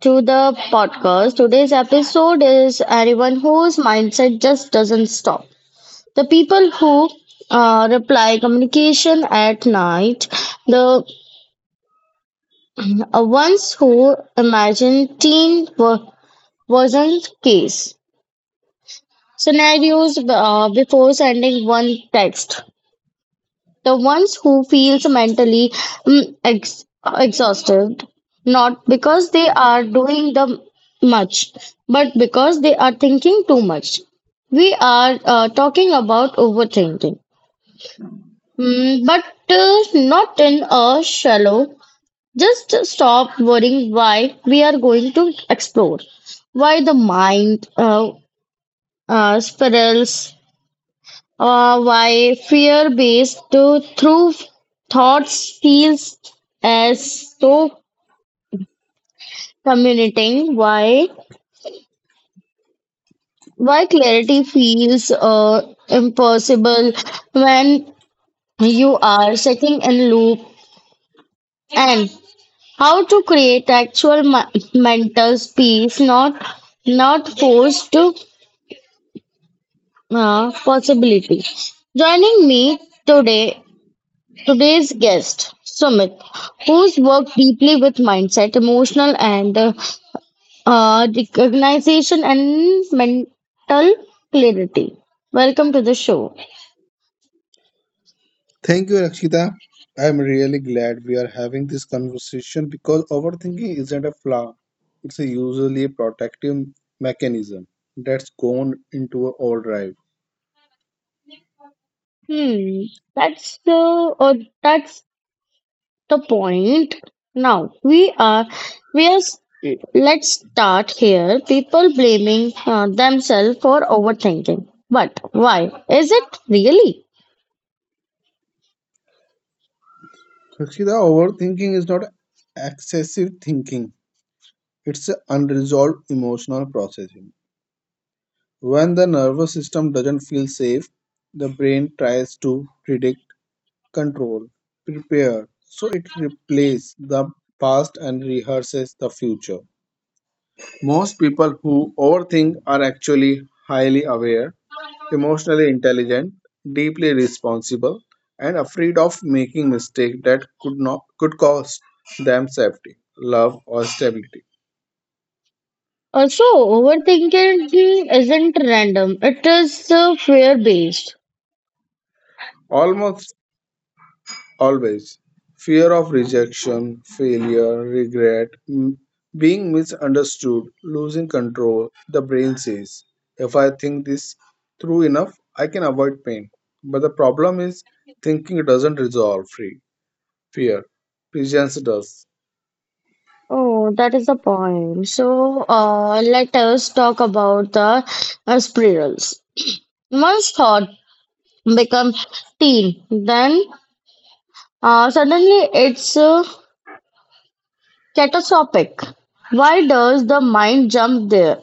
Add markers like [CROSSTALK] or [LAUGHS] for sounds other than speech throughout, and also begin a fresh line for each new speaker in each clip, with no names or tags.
to the podcast. Today's episode is anyone whose mindset just doesn't stop. The people who reply communication at night, the ones who imagine wasn't case scenarios before sending one text. The ones who feels mentally mm, ex- exhausted, not because they are doing the much, but because they are thinking too much. We are talking about overthinking, but uh, not in a shallow. Just stop worrying why we are going to explore why the mind spirals, why fear based to through thoughts feels as so communicating, why clarity feels impossible when you are sitting in loop, and how to create actual mental space, not forced to possibility joining me today. Today's guest, Sumit, who's worked deeply with mindset, emotional and recognition and mental clarity. Welcome to the show.
Thank you, Rakshita. I'm really glad we are having this conversation because overthinking isn't a flaw. It's a usually protective mechanism that's gone into a overdrive.
Hmm, that's the uh, that's the point. Now we are. s- Let's start here. People blaming themselves for overthinking, but why is it really?
Rakshita, overthinking is not excessive thinking. It's an unresolved emotional processing. When the nervous system doesn't feel safe, the brain tries to predict, control, prepare. So it replaces the past and rehearses the future. Most people who overthink are actually highly aware, emotionally intelligent, deeply responsible, and afraid of making mistakes that could not could cost them safety, love, or stability.
Also, overthinking isn't random, it is fear based.
Almost always, fear of rejection, failure, regret, being misunderstood, losing control. The brain says, "If I think this through enough, I can avoid pain." But the problem is, thinking doesn't resolve free fear presents us
Oh, that is the point. So, let us talk about the spirals. Once thought become teen, then suddenly it's catastrophic. Why does the mind jump there?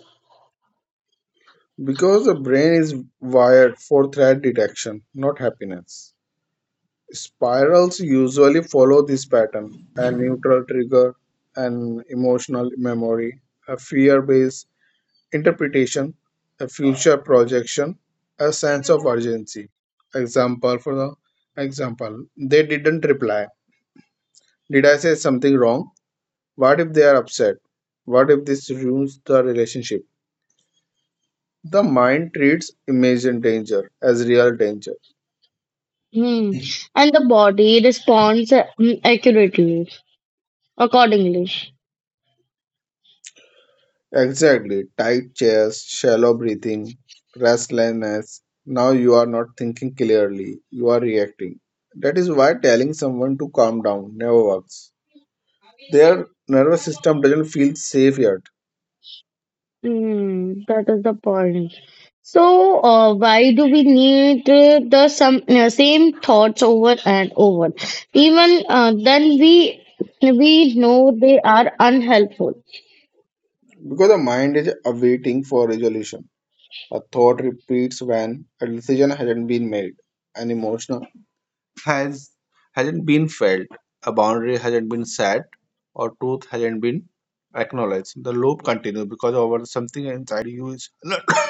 because the brain is wired for threat detection, not happiness. Spirals usually follow this pattern: a neutral trigger, an emotional memory, a fear based interpretation, a future projection, a sense of urgency. Example for the example, they didn't reply. Did I say something wrong? What if they are upset? What if this ruins the relationship? The mind treats imagined danger as real danger.
Hmm. And the body responds accurately, accordingly.
Exactly. Tight chest, shallow breathing, restlessness. Now you are not thinking clearly, you are reacting. That is why telling someone to calm down never works. Their nervous system doesn't feel safe yet
Hmm, that is the point. So, why do we need the some same thoughts over and over? Even then, we know they are unhelpful.
because the mind is awaiting for resolution. A thought repeats when a decision hasn't been made. An emotional has hasn't been felt, a boundary hasn't been set, or truth hasn't been acknowledged. The loop continues because over something inside you is [COUGHS] [CLEARS THROAT]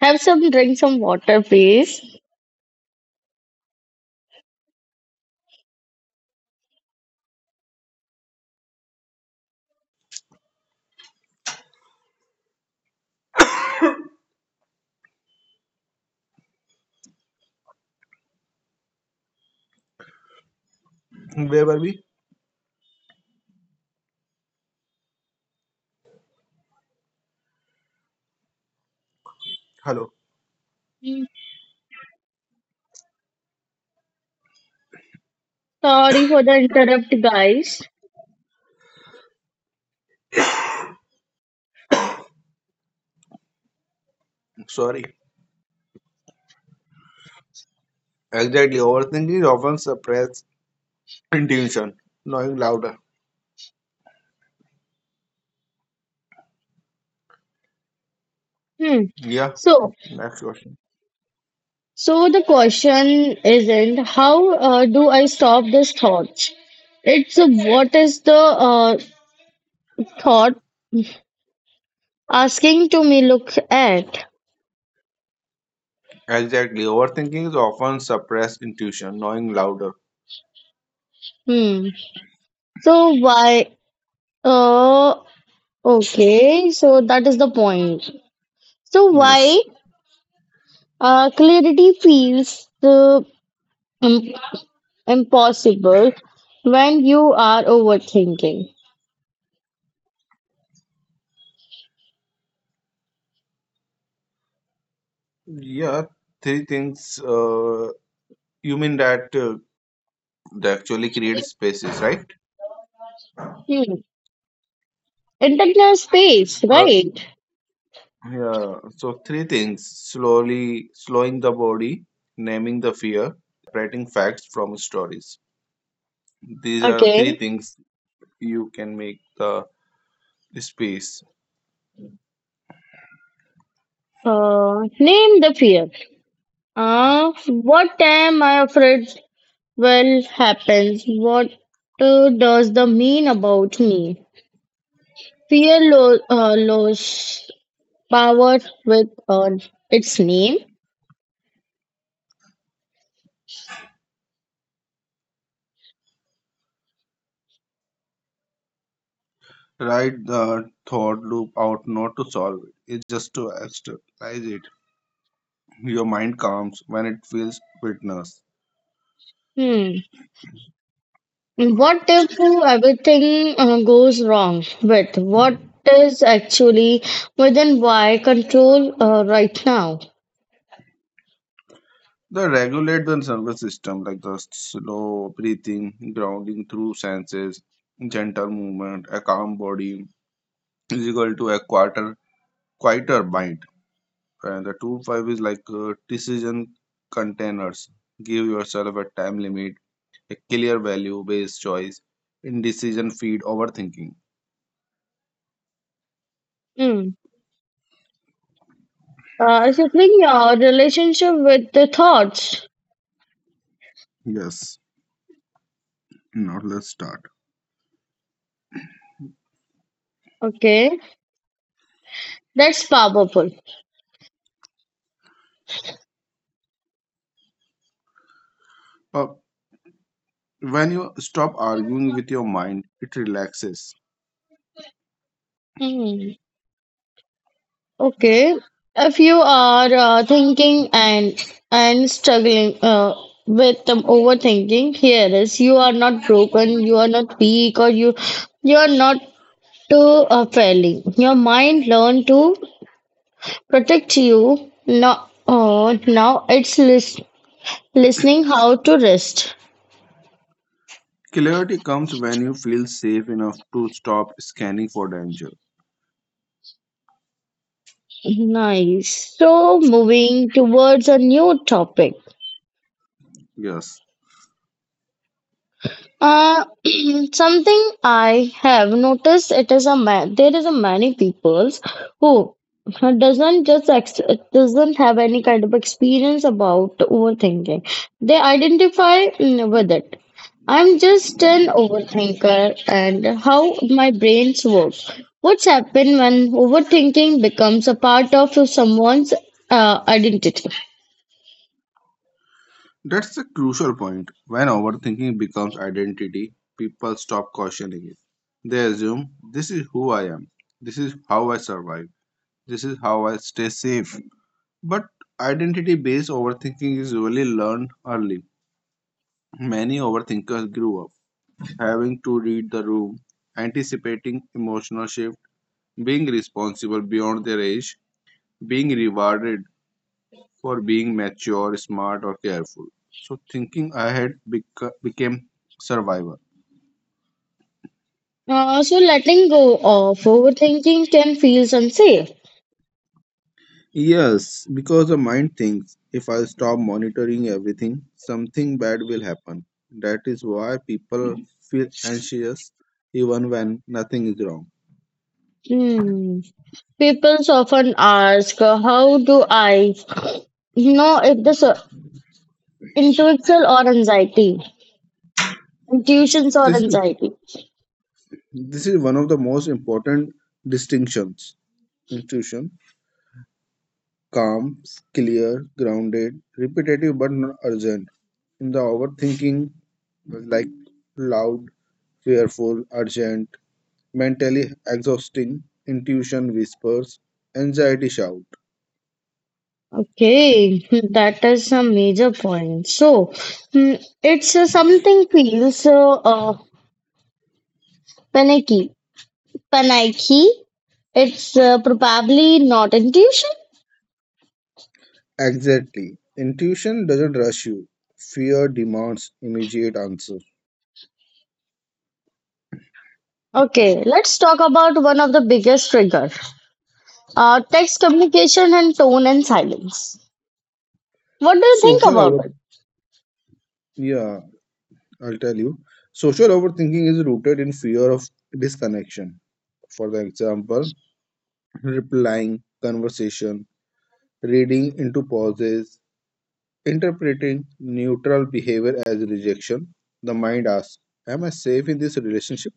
Have some drink, some water, please.
where were we? Hello.
Hmm. Sorry for the interrupt, guys.
Sorry. Exactly. Overthinking is often suppressed intuition, knowing louder.
Hmm.
Yeah.
So,
Next question.
so the question isn't how do I stop these thoughts? It's what is the thought asking to me look at?
Exactly. Overthinking is often suppressed intuition, knowing louder.
Hmm. So why Uh, okay, so that is the point. So
Yes.
why clarity feels im- impossible when you are overthinking?
Yeah. Three things. You mean that they actually create spaces, right?
Hmm. Internal space, right?
Yeah, so three things: slowly slowing the body, naming the fear, separating facts from stories. These are
Okay.
three things you can make the space.
Name the fear. What am I afraid will happen? What does the mean about me? Fear lose power with its name.
Write the thought loop out, not to solve it, it's just to externalize it. Your mind calms when it feels witness.
Hmm. What if everything goes wrong with what is actually within why control right now?
The regulate the nervous system, like the slow breathing, grounding through senses, gentle movement, a calm body is equal to a quarter quieter bind. And the two five is like decision containers. Give yourself a time limit, a clear value based choice. Indecision feed overthinking.
Hmm. So think your relationship with the thoughts.
Yes. Now let's start.
Okay, that's powerful.
Uh, when you stop arguing with your mind, it relaxes.
Hmm. Okay, if you are thinking and struggling with overthinking, here is you are not broken, you are not weak, or you are not to failing. Your mind learned to protect you. Now, oh, now it's listening how to rest.
Clarity comes when you feel safe enough to stop scanning for danger.
Nice. So, moving towards a new topic.
Yes.
Uh, [CLEARS THROAT] something I have noticed it is a man. There is a many peoples who doesn't just ex- doesn't have any kind of experience about overthinking. They identify with it. I'm just an overthinker and how my brains work. What's happened when overthinking becomes a part of someone's identity?
That's the crucial point. When overthinking becomes identity, people stop questioning it. They assume, this is who I am, this is how I survive, this is how I stay safe. But identity based overthinking is really learned early. Many overthinkers grew up having to read the room, anticipating emotional shift, being responsible beyond their age, being rewarded for being mature, smart, or careful. So thinking ahead became survival.
So letting go of overthinking can feel unsafe.
Yes, because the mind thinks, if I stop monitoring everything, something bad will happen. That is why people feel anxious even when nothing is wrong.
Hmm. People often ask, how do I know if this is intuition or anxiety? Intuitions or
This is
anxiety.
this is one of the most important distinctions. Intuition: calm, clear, grounded, repetitive but not urgent. In the overthinking, like loud, fearful, urgent, mentally exhausting, intuition whispers, anxiety shouts.
Okay, that is a major point. So, it's something feels panicky. Panicky. It's probably not intuition.
Exactly. Intuition doesn't rush you. Fear demands immediate answers.
Okay, let's talk about one of the biggest trigger, text communication and tone and silence. What do you think
Social over,
about it?
yeah, I'll tell you. Social overthinking is rooted in fear of disconnection. For the example, replying, conversation, reading into pauses, interpreting neutral behavior as rejection. The mind asks, am I safe in this relationship?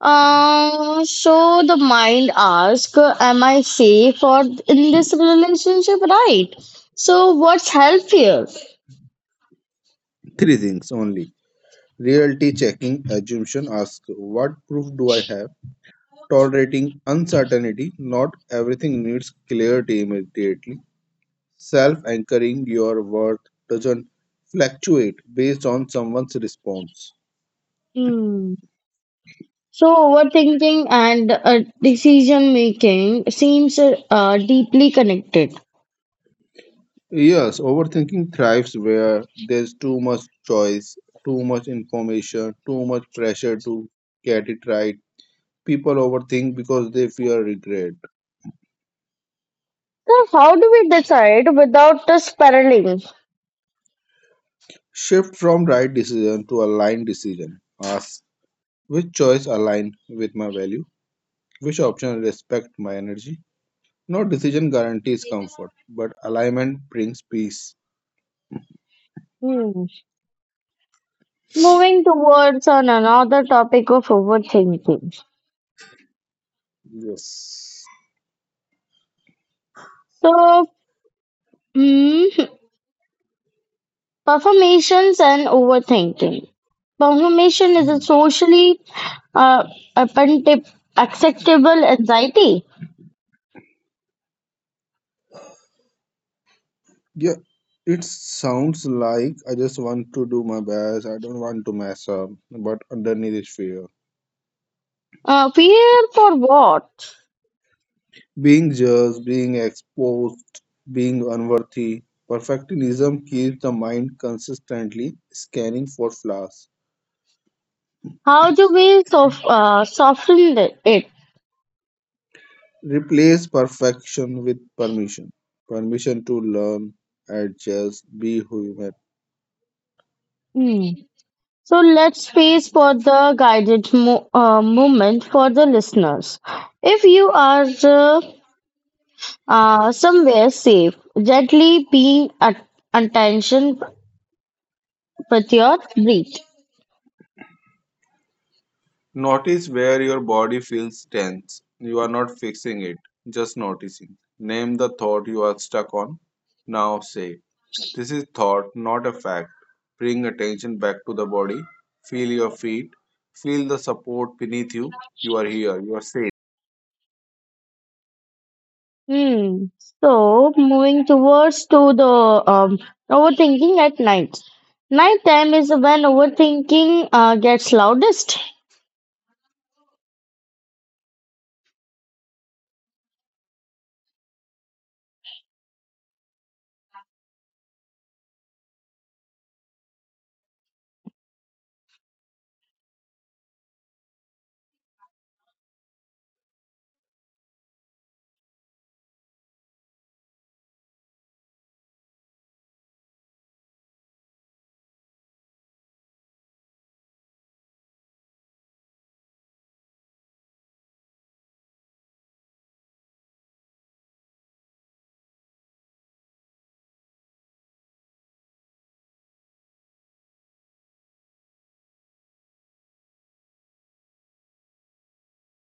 So the mind asks, am I safe or in this relationship? Right. So, what's healthier?
Three things only. Reality checking assumption asks, what proof do I have? Tolerating uncertainty. Not everything needs clarity immediately. Self anchoring your worth doesn't fluctuate based on someone's response.
Hmm. So, overthinking and decision making seems deeply connected.
Yes, overthinking thrives where there's too much choice, too much information, too much pressure to get it right. People overthink because they fear regret.
So, how do we decide without the spiraling?
Shift from right decision to aligned decision. Ask which choice align with my value, which option respect my energy. No decision guarantees comfort, but alignment brings peace.
Hmm. Moving towards on another topic of overthinking.
Yes.
So, hmm, performations and overthinking. Performation is a
Hmm.
socially uh, appenti- acceptable anxiety.
Yeah, it sounds like, I just want to do my best. I don't want to mess up, but underneath is fear.
Fear for what?
Being judged, being exposed, being unworthy. Perfectionism keeps the mind consistently scanning for flaws.
How do we soften it?
Replace perfection with permission. Permission to learn, adjust, be human.
Hmm. So let's space for the guided moment for the listeners. If you are uh, somewhere safe, gently pay attention with your breath.
Notice where your body feels tense. You are not fixing it, just noticing. Name the thought you are stuck on. Now say, this is thought, not a fact. Bring attention back to the body. Feel your feet. Feel the support beneath you. You are here. You are safe.
Hmm. So moving towards to the um, overthinking at night. Nighttime is when overthinking gets loudest.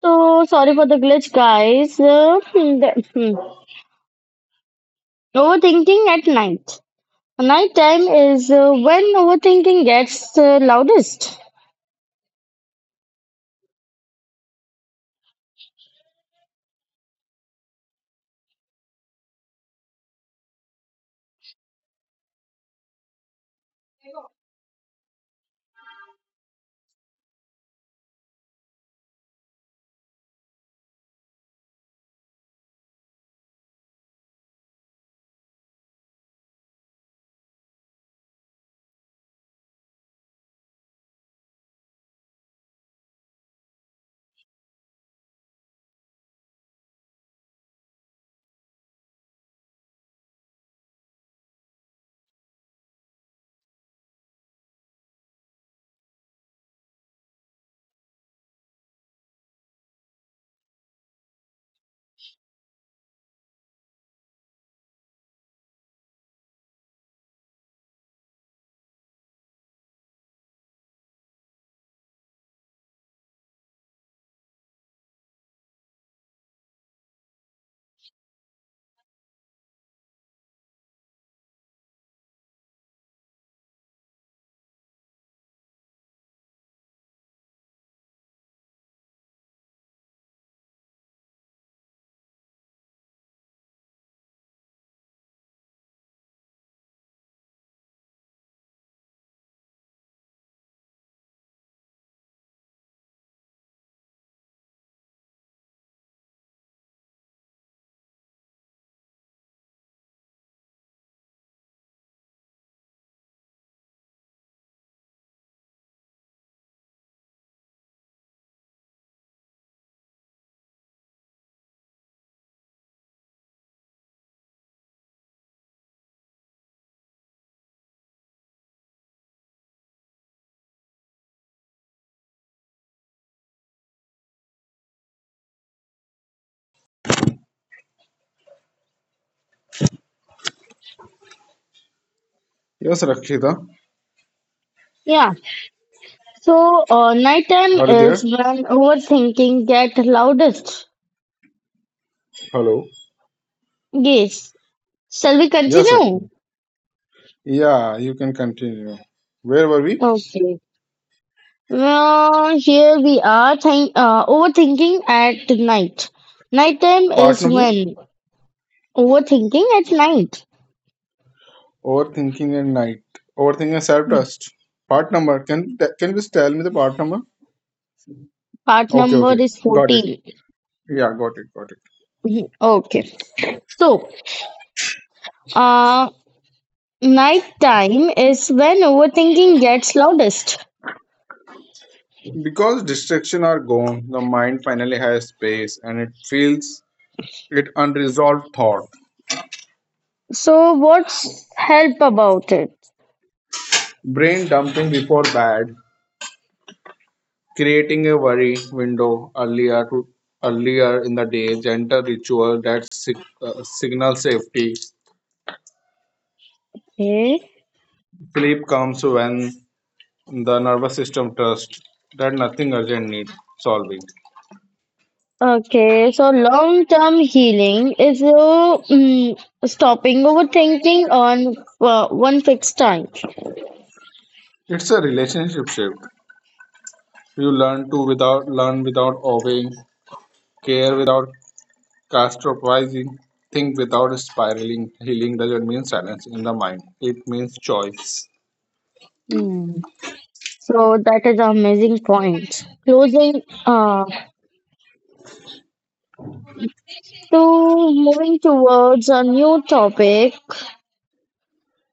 So sorry for the glitch, guys. Overthinking at night. Nighttime is when overthinking gets loudest.
Yes, Rakshita.
Yeah. So nighttime
Are you
is
there?
when overthinking get loudest.
Hello.
Yes. Shall we
Yes,
continue?
Rakshita. Yeah, you can continue. Where were we?
Okay. Well, here we are think, overthinking at night. Nighttime
Part
is
number?
when overthinking at night.
Overthinking and night. Overthinking and self-trust. Part number. Can you just tell me the part number?
Part
Okay, okay.
number is
Got it.
14.
Yeah, got it.
Mhm. Okay. So, uh, nighttime is when overthinking gets loudest.
Because distraction are gone, the mind finally has space and it feels it unresolved thought.
So, what's help about it?
Brain dumping before bed. Creating a worry window earlier to earlier in the day, gentle ritual that signals safety.
Okay.
Sleep comes when the nervous system trusts that nothing urgent needs solving.
Okay, so long term healing is mm, stopping overthinking on one fixed time.
It's a relationship shift. You learn to without learn without obeying, care without catastrophizing, think without spiraling. Healing doesn't mean silence in the mind. It means choice.
Hmm. So that is an amazing point. Closing to moving towards a new topic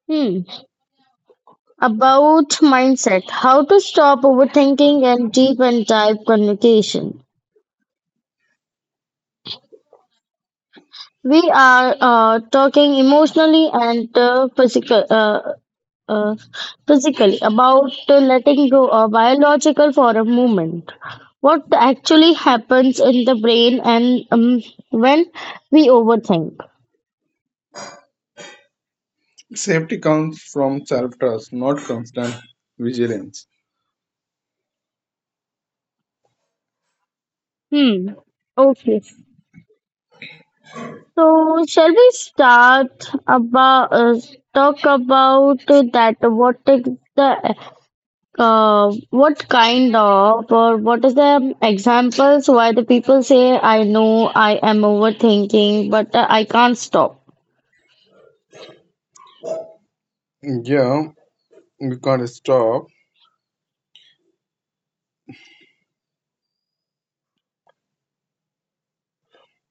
hmm, about mindset, how to stop overthinking and deep and dive communication. We are talking emotionally and physical. Uh, Physically about letting go of biological for a moment what actually happens in the brain and when we overthink.
Safety comes from self trust, not constant vigilance.
Hmm. Okay, so, shall we start about talk about that? What is the what kind of or what is the examples why the people say I know I am overthinking, but I can't stop.
Yeah, we can't stop.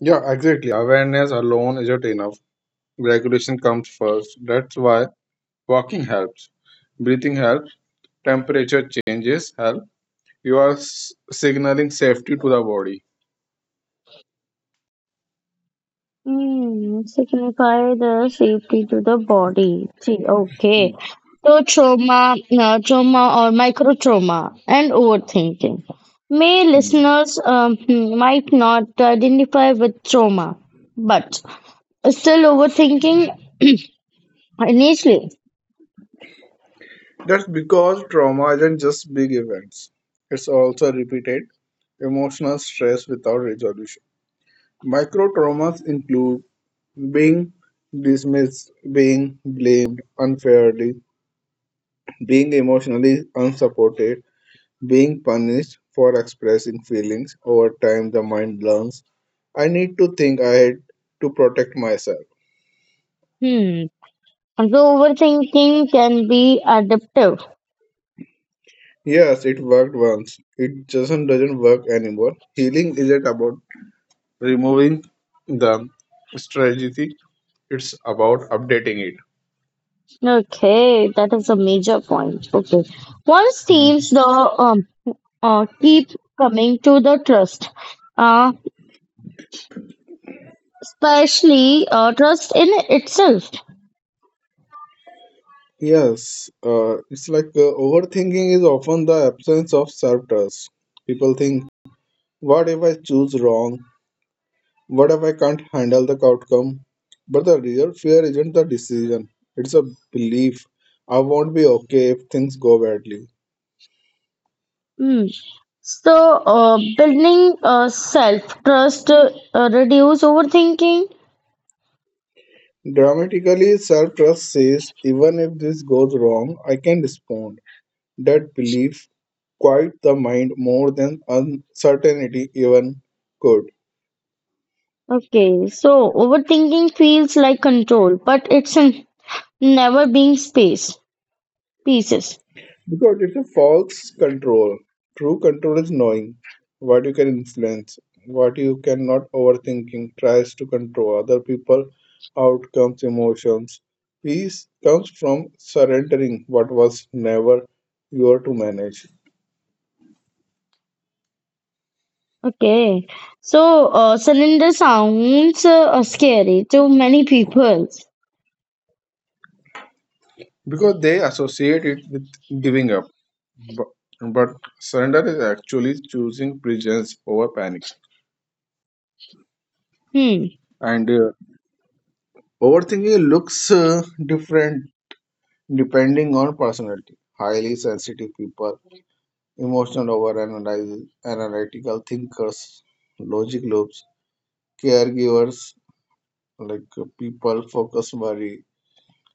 Yeah, exactly. Awareness alone isn't enough. Regulation comes first. That's why walking helps, breathing helps, temperature changes help. You are signaling safety to the body.
Hmm, signify the safety to the body. See, okay. So trauma, trauma or micro trauma and overthinking. May
Hmm.
listeners might not identify with trauma, but still overthinking initially.
That's because trauma isn't just big events. It's also repeated emotional stress without resolution. Micro traumas include being dismissed, being blamed unfairly, being emotionally unsupported, being punished for expressing feelings. Over time, the mind learns, I need to think ahead to protect myself.
Hmm. So overthinking can be adaptive.
Yes, it worked once. It doesn't work anymore. Healing isn't about removing the strategy. It's about updating it.
Okay, that is a major point. Okay. Once teams
Hmm.
the keep coming to the trust, uh, especially trust in itself.
Yes, it's like overthinking is often the absence of self trust. People think, what if I choose wrong? What if I can't handle the outcome? But the real fear isn't the decision, it's a belief. I won't be okay if things go badly.
Mm. So, building self trust reduce overthinking.
Dramatically, self trust says, even if this goes wrong, I can respond. That belief quiets the mind more than uncertainty even could.
Okay, so overthinking feels like control, but it's never being space pieces.
Because it's a false control. True control is knowing what you can influence, what you cannot. Overthinking tries to control other people, outcomes, emotions. Peace comes from surrendering what was never your to manage.
Okay, so cylinder sounds scary to many people.
Because they associate it with giving up. But, but surrender is actually choosing presence over panic.
Hmm.
And overthinking looks different depending on personality: highly sensitive people, emotional analytical thinkers, logic loops, caregivers, like people focus worry,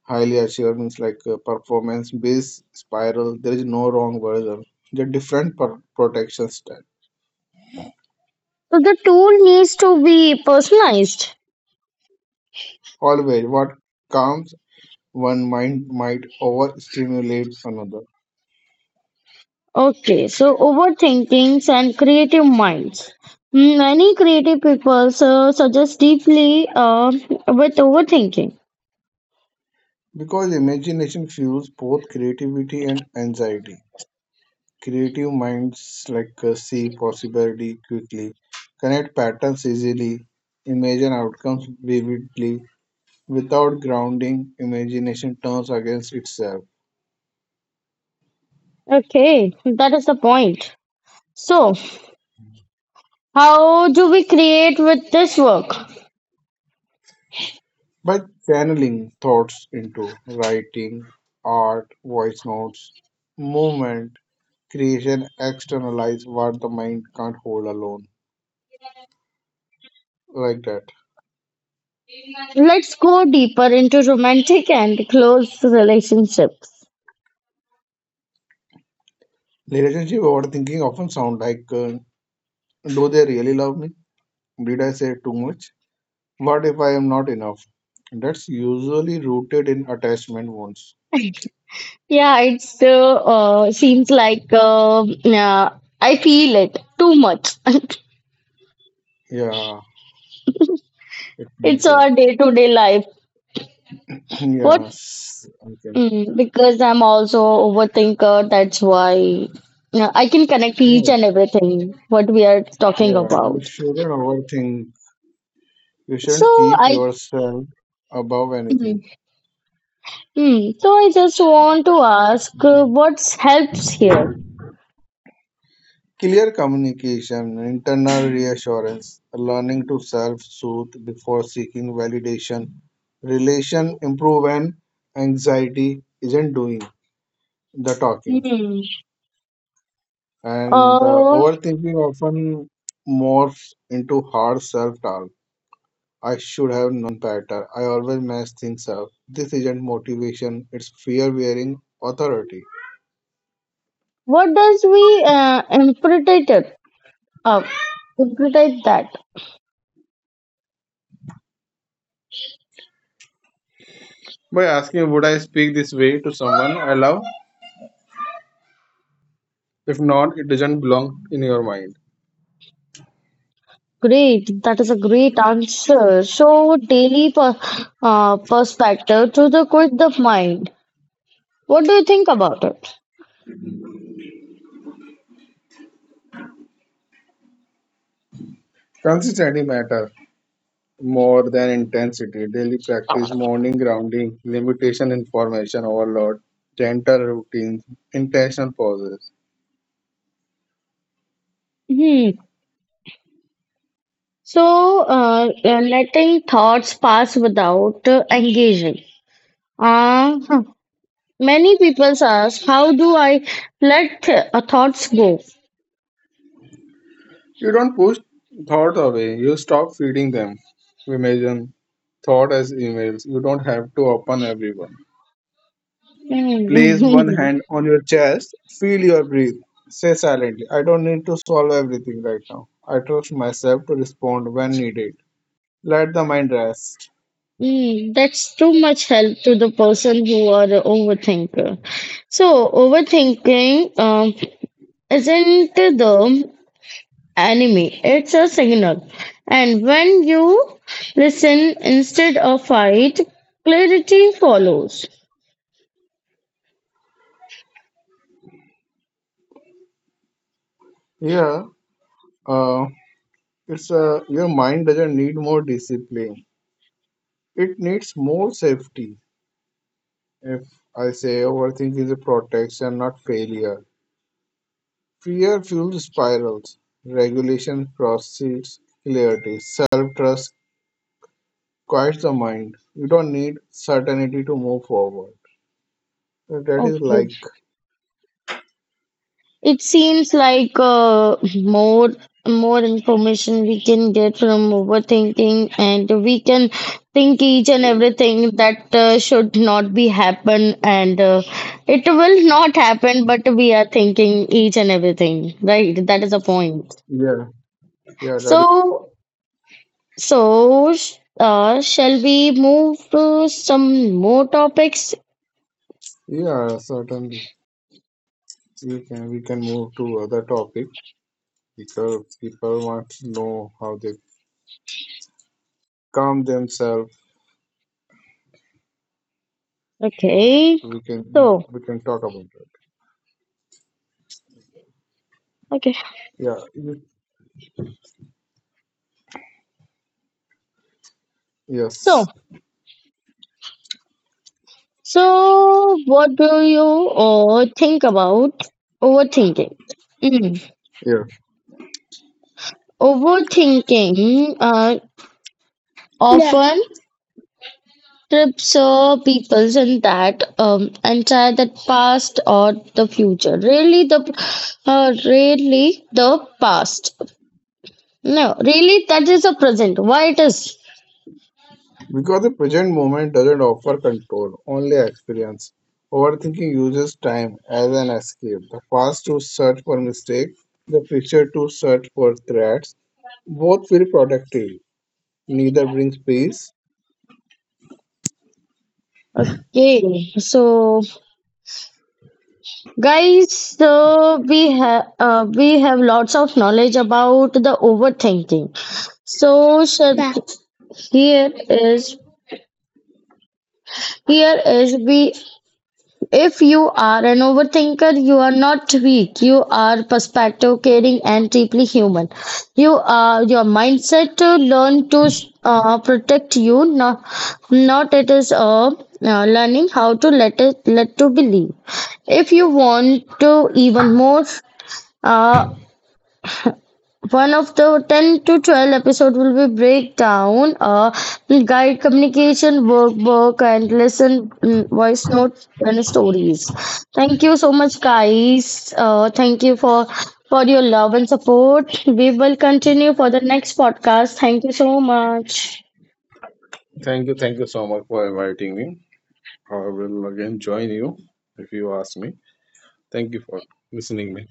highly assured means like performance based spiral. There is no wrong version. The different protection style.
So the tool needs to be personalized.
Always what calms one mind might overstimulate another
Okay, so overthinkings and creative minds. Hmm, many creative people so suggest deeply with overthinking.
because imagination fuels both creativity and anxiety. Creative minds, like see possibility quickly, connect patterns easily, imagine outcomes vividly. Without grounding, imagination turns against itself.
Okay, that is the point. So, how do we create with this work?
By channeling thoughts into writing, art, voice notes, movement, creation, externalize what the mind can't hold alone. Like that.
Let's go deeper into romantic and close relationships.
Relationship overthinking often sound like, do they really love me? Did I say too much? What if I am not enough? That's usually rooted in attachment wounds.
Yeah, it's seems like yeah I feel it too much. [LAUGHS]
Yeah, it
It's
means it.
our
[LAUGHS]
day to day life.
[CLEARS THROAT]
What
Yes, okay.
Because I'm also overthinker, that's why. Yeah, I can connect
Yeah,
each and everything what we are talking
yeah. You
about.
shouldn't overthink. You
So
shouldn't keep
I
yourself above anything.
mm, just want to ask what helps here?
Clear communication, internal reassurance, learning to self-soothe before seeking validation, relation improve and anxiety isn't doing the talking.
Hmm.
And the
Uh,
overthinking often morphs into hard self-talk. I should have known better. I always mess things up. This isn't motivation, it's fear wearing authority.
what does we interpret it? Uh, Interpret that.
By asking, would I speak this way to someone I love? If not, it doesn't belong in your mind.
Great, that is a great answer. So daily per, perspective to the quit the mind. What do you think about it?
Consistency matter more than intensity. Daily practice, morning grounding, limitation information overload, gentle routines, intentional pauses.
Hmm. So, letting thoughts pass without engaging. Huh. Many people ask, how do I let thoughts go?
You don't push thought away, you stop feeding them. Imagine thought as emails. You don't have to open everyone. Place one
Mm.
hand
[LAUGHS]
on your chest, feel your breath. Say silently, I don't need to solve everything right now. I trust myself to respond when needed. Let the mind rest.
Mm, that's too much help to the person who are the overthinker. So, overthinking isn't the enemy, it's a signal. And when you listen instead of fight, clarity follows.
Yeah, uh, it's your mind doesn't need more discipline. It needs more safety. If I say overthinking is a protection, not failure. Fear fueled spirals, regulation proceeds clarity, self-trust quiets the mind. You don't need certainty to move forward. So that is
Okay.
like,
It seems like more information we can get from overthinking, and we can think each and everything that should not be happen, and it will not happen. But we are thinking each and everything, right? That is the point.
yeah, yeah, that
So, shall we move to some more topics?
is, yeah, certainly. We can move to other topic because people want to know how they calm themselves. So
Okay.
we can
So,
we can talk about it.
okay.
Yeah.
So.
Yes.
So, what do you think about overthinking? Mm.
Yeah.
Overthinking
Yeah.
often trips people in that entire that past or the future. Really the past. No, really that is the present. Why it is
Because the present moment doesn't offer control, only experience. Overthinking uses time as an escape, the past to search for mistakes, the future to search for threats. Both feel productive, neither brings peace.
okay? So guys, so we have lots of knowledge about the overthinking. So sir,
Yeah.
here is here is we, if you are an overthinker, you are not weak. You are perspective caring and deeply human. You are your mindset to learn to protect you. Not it is a learning how to let it let to believe. If you want to even more uh, one of the 10 to 12 episode will be breakdown guide communication workbook and listen voice notes and stories. Thank you so much, guys. Thank you for your love and support. We will continue for the next podcast. Thank you so much.
Thank you so much for inviting me. I will again join you if you ask me. Thank you for listening me.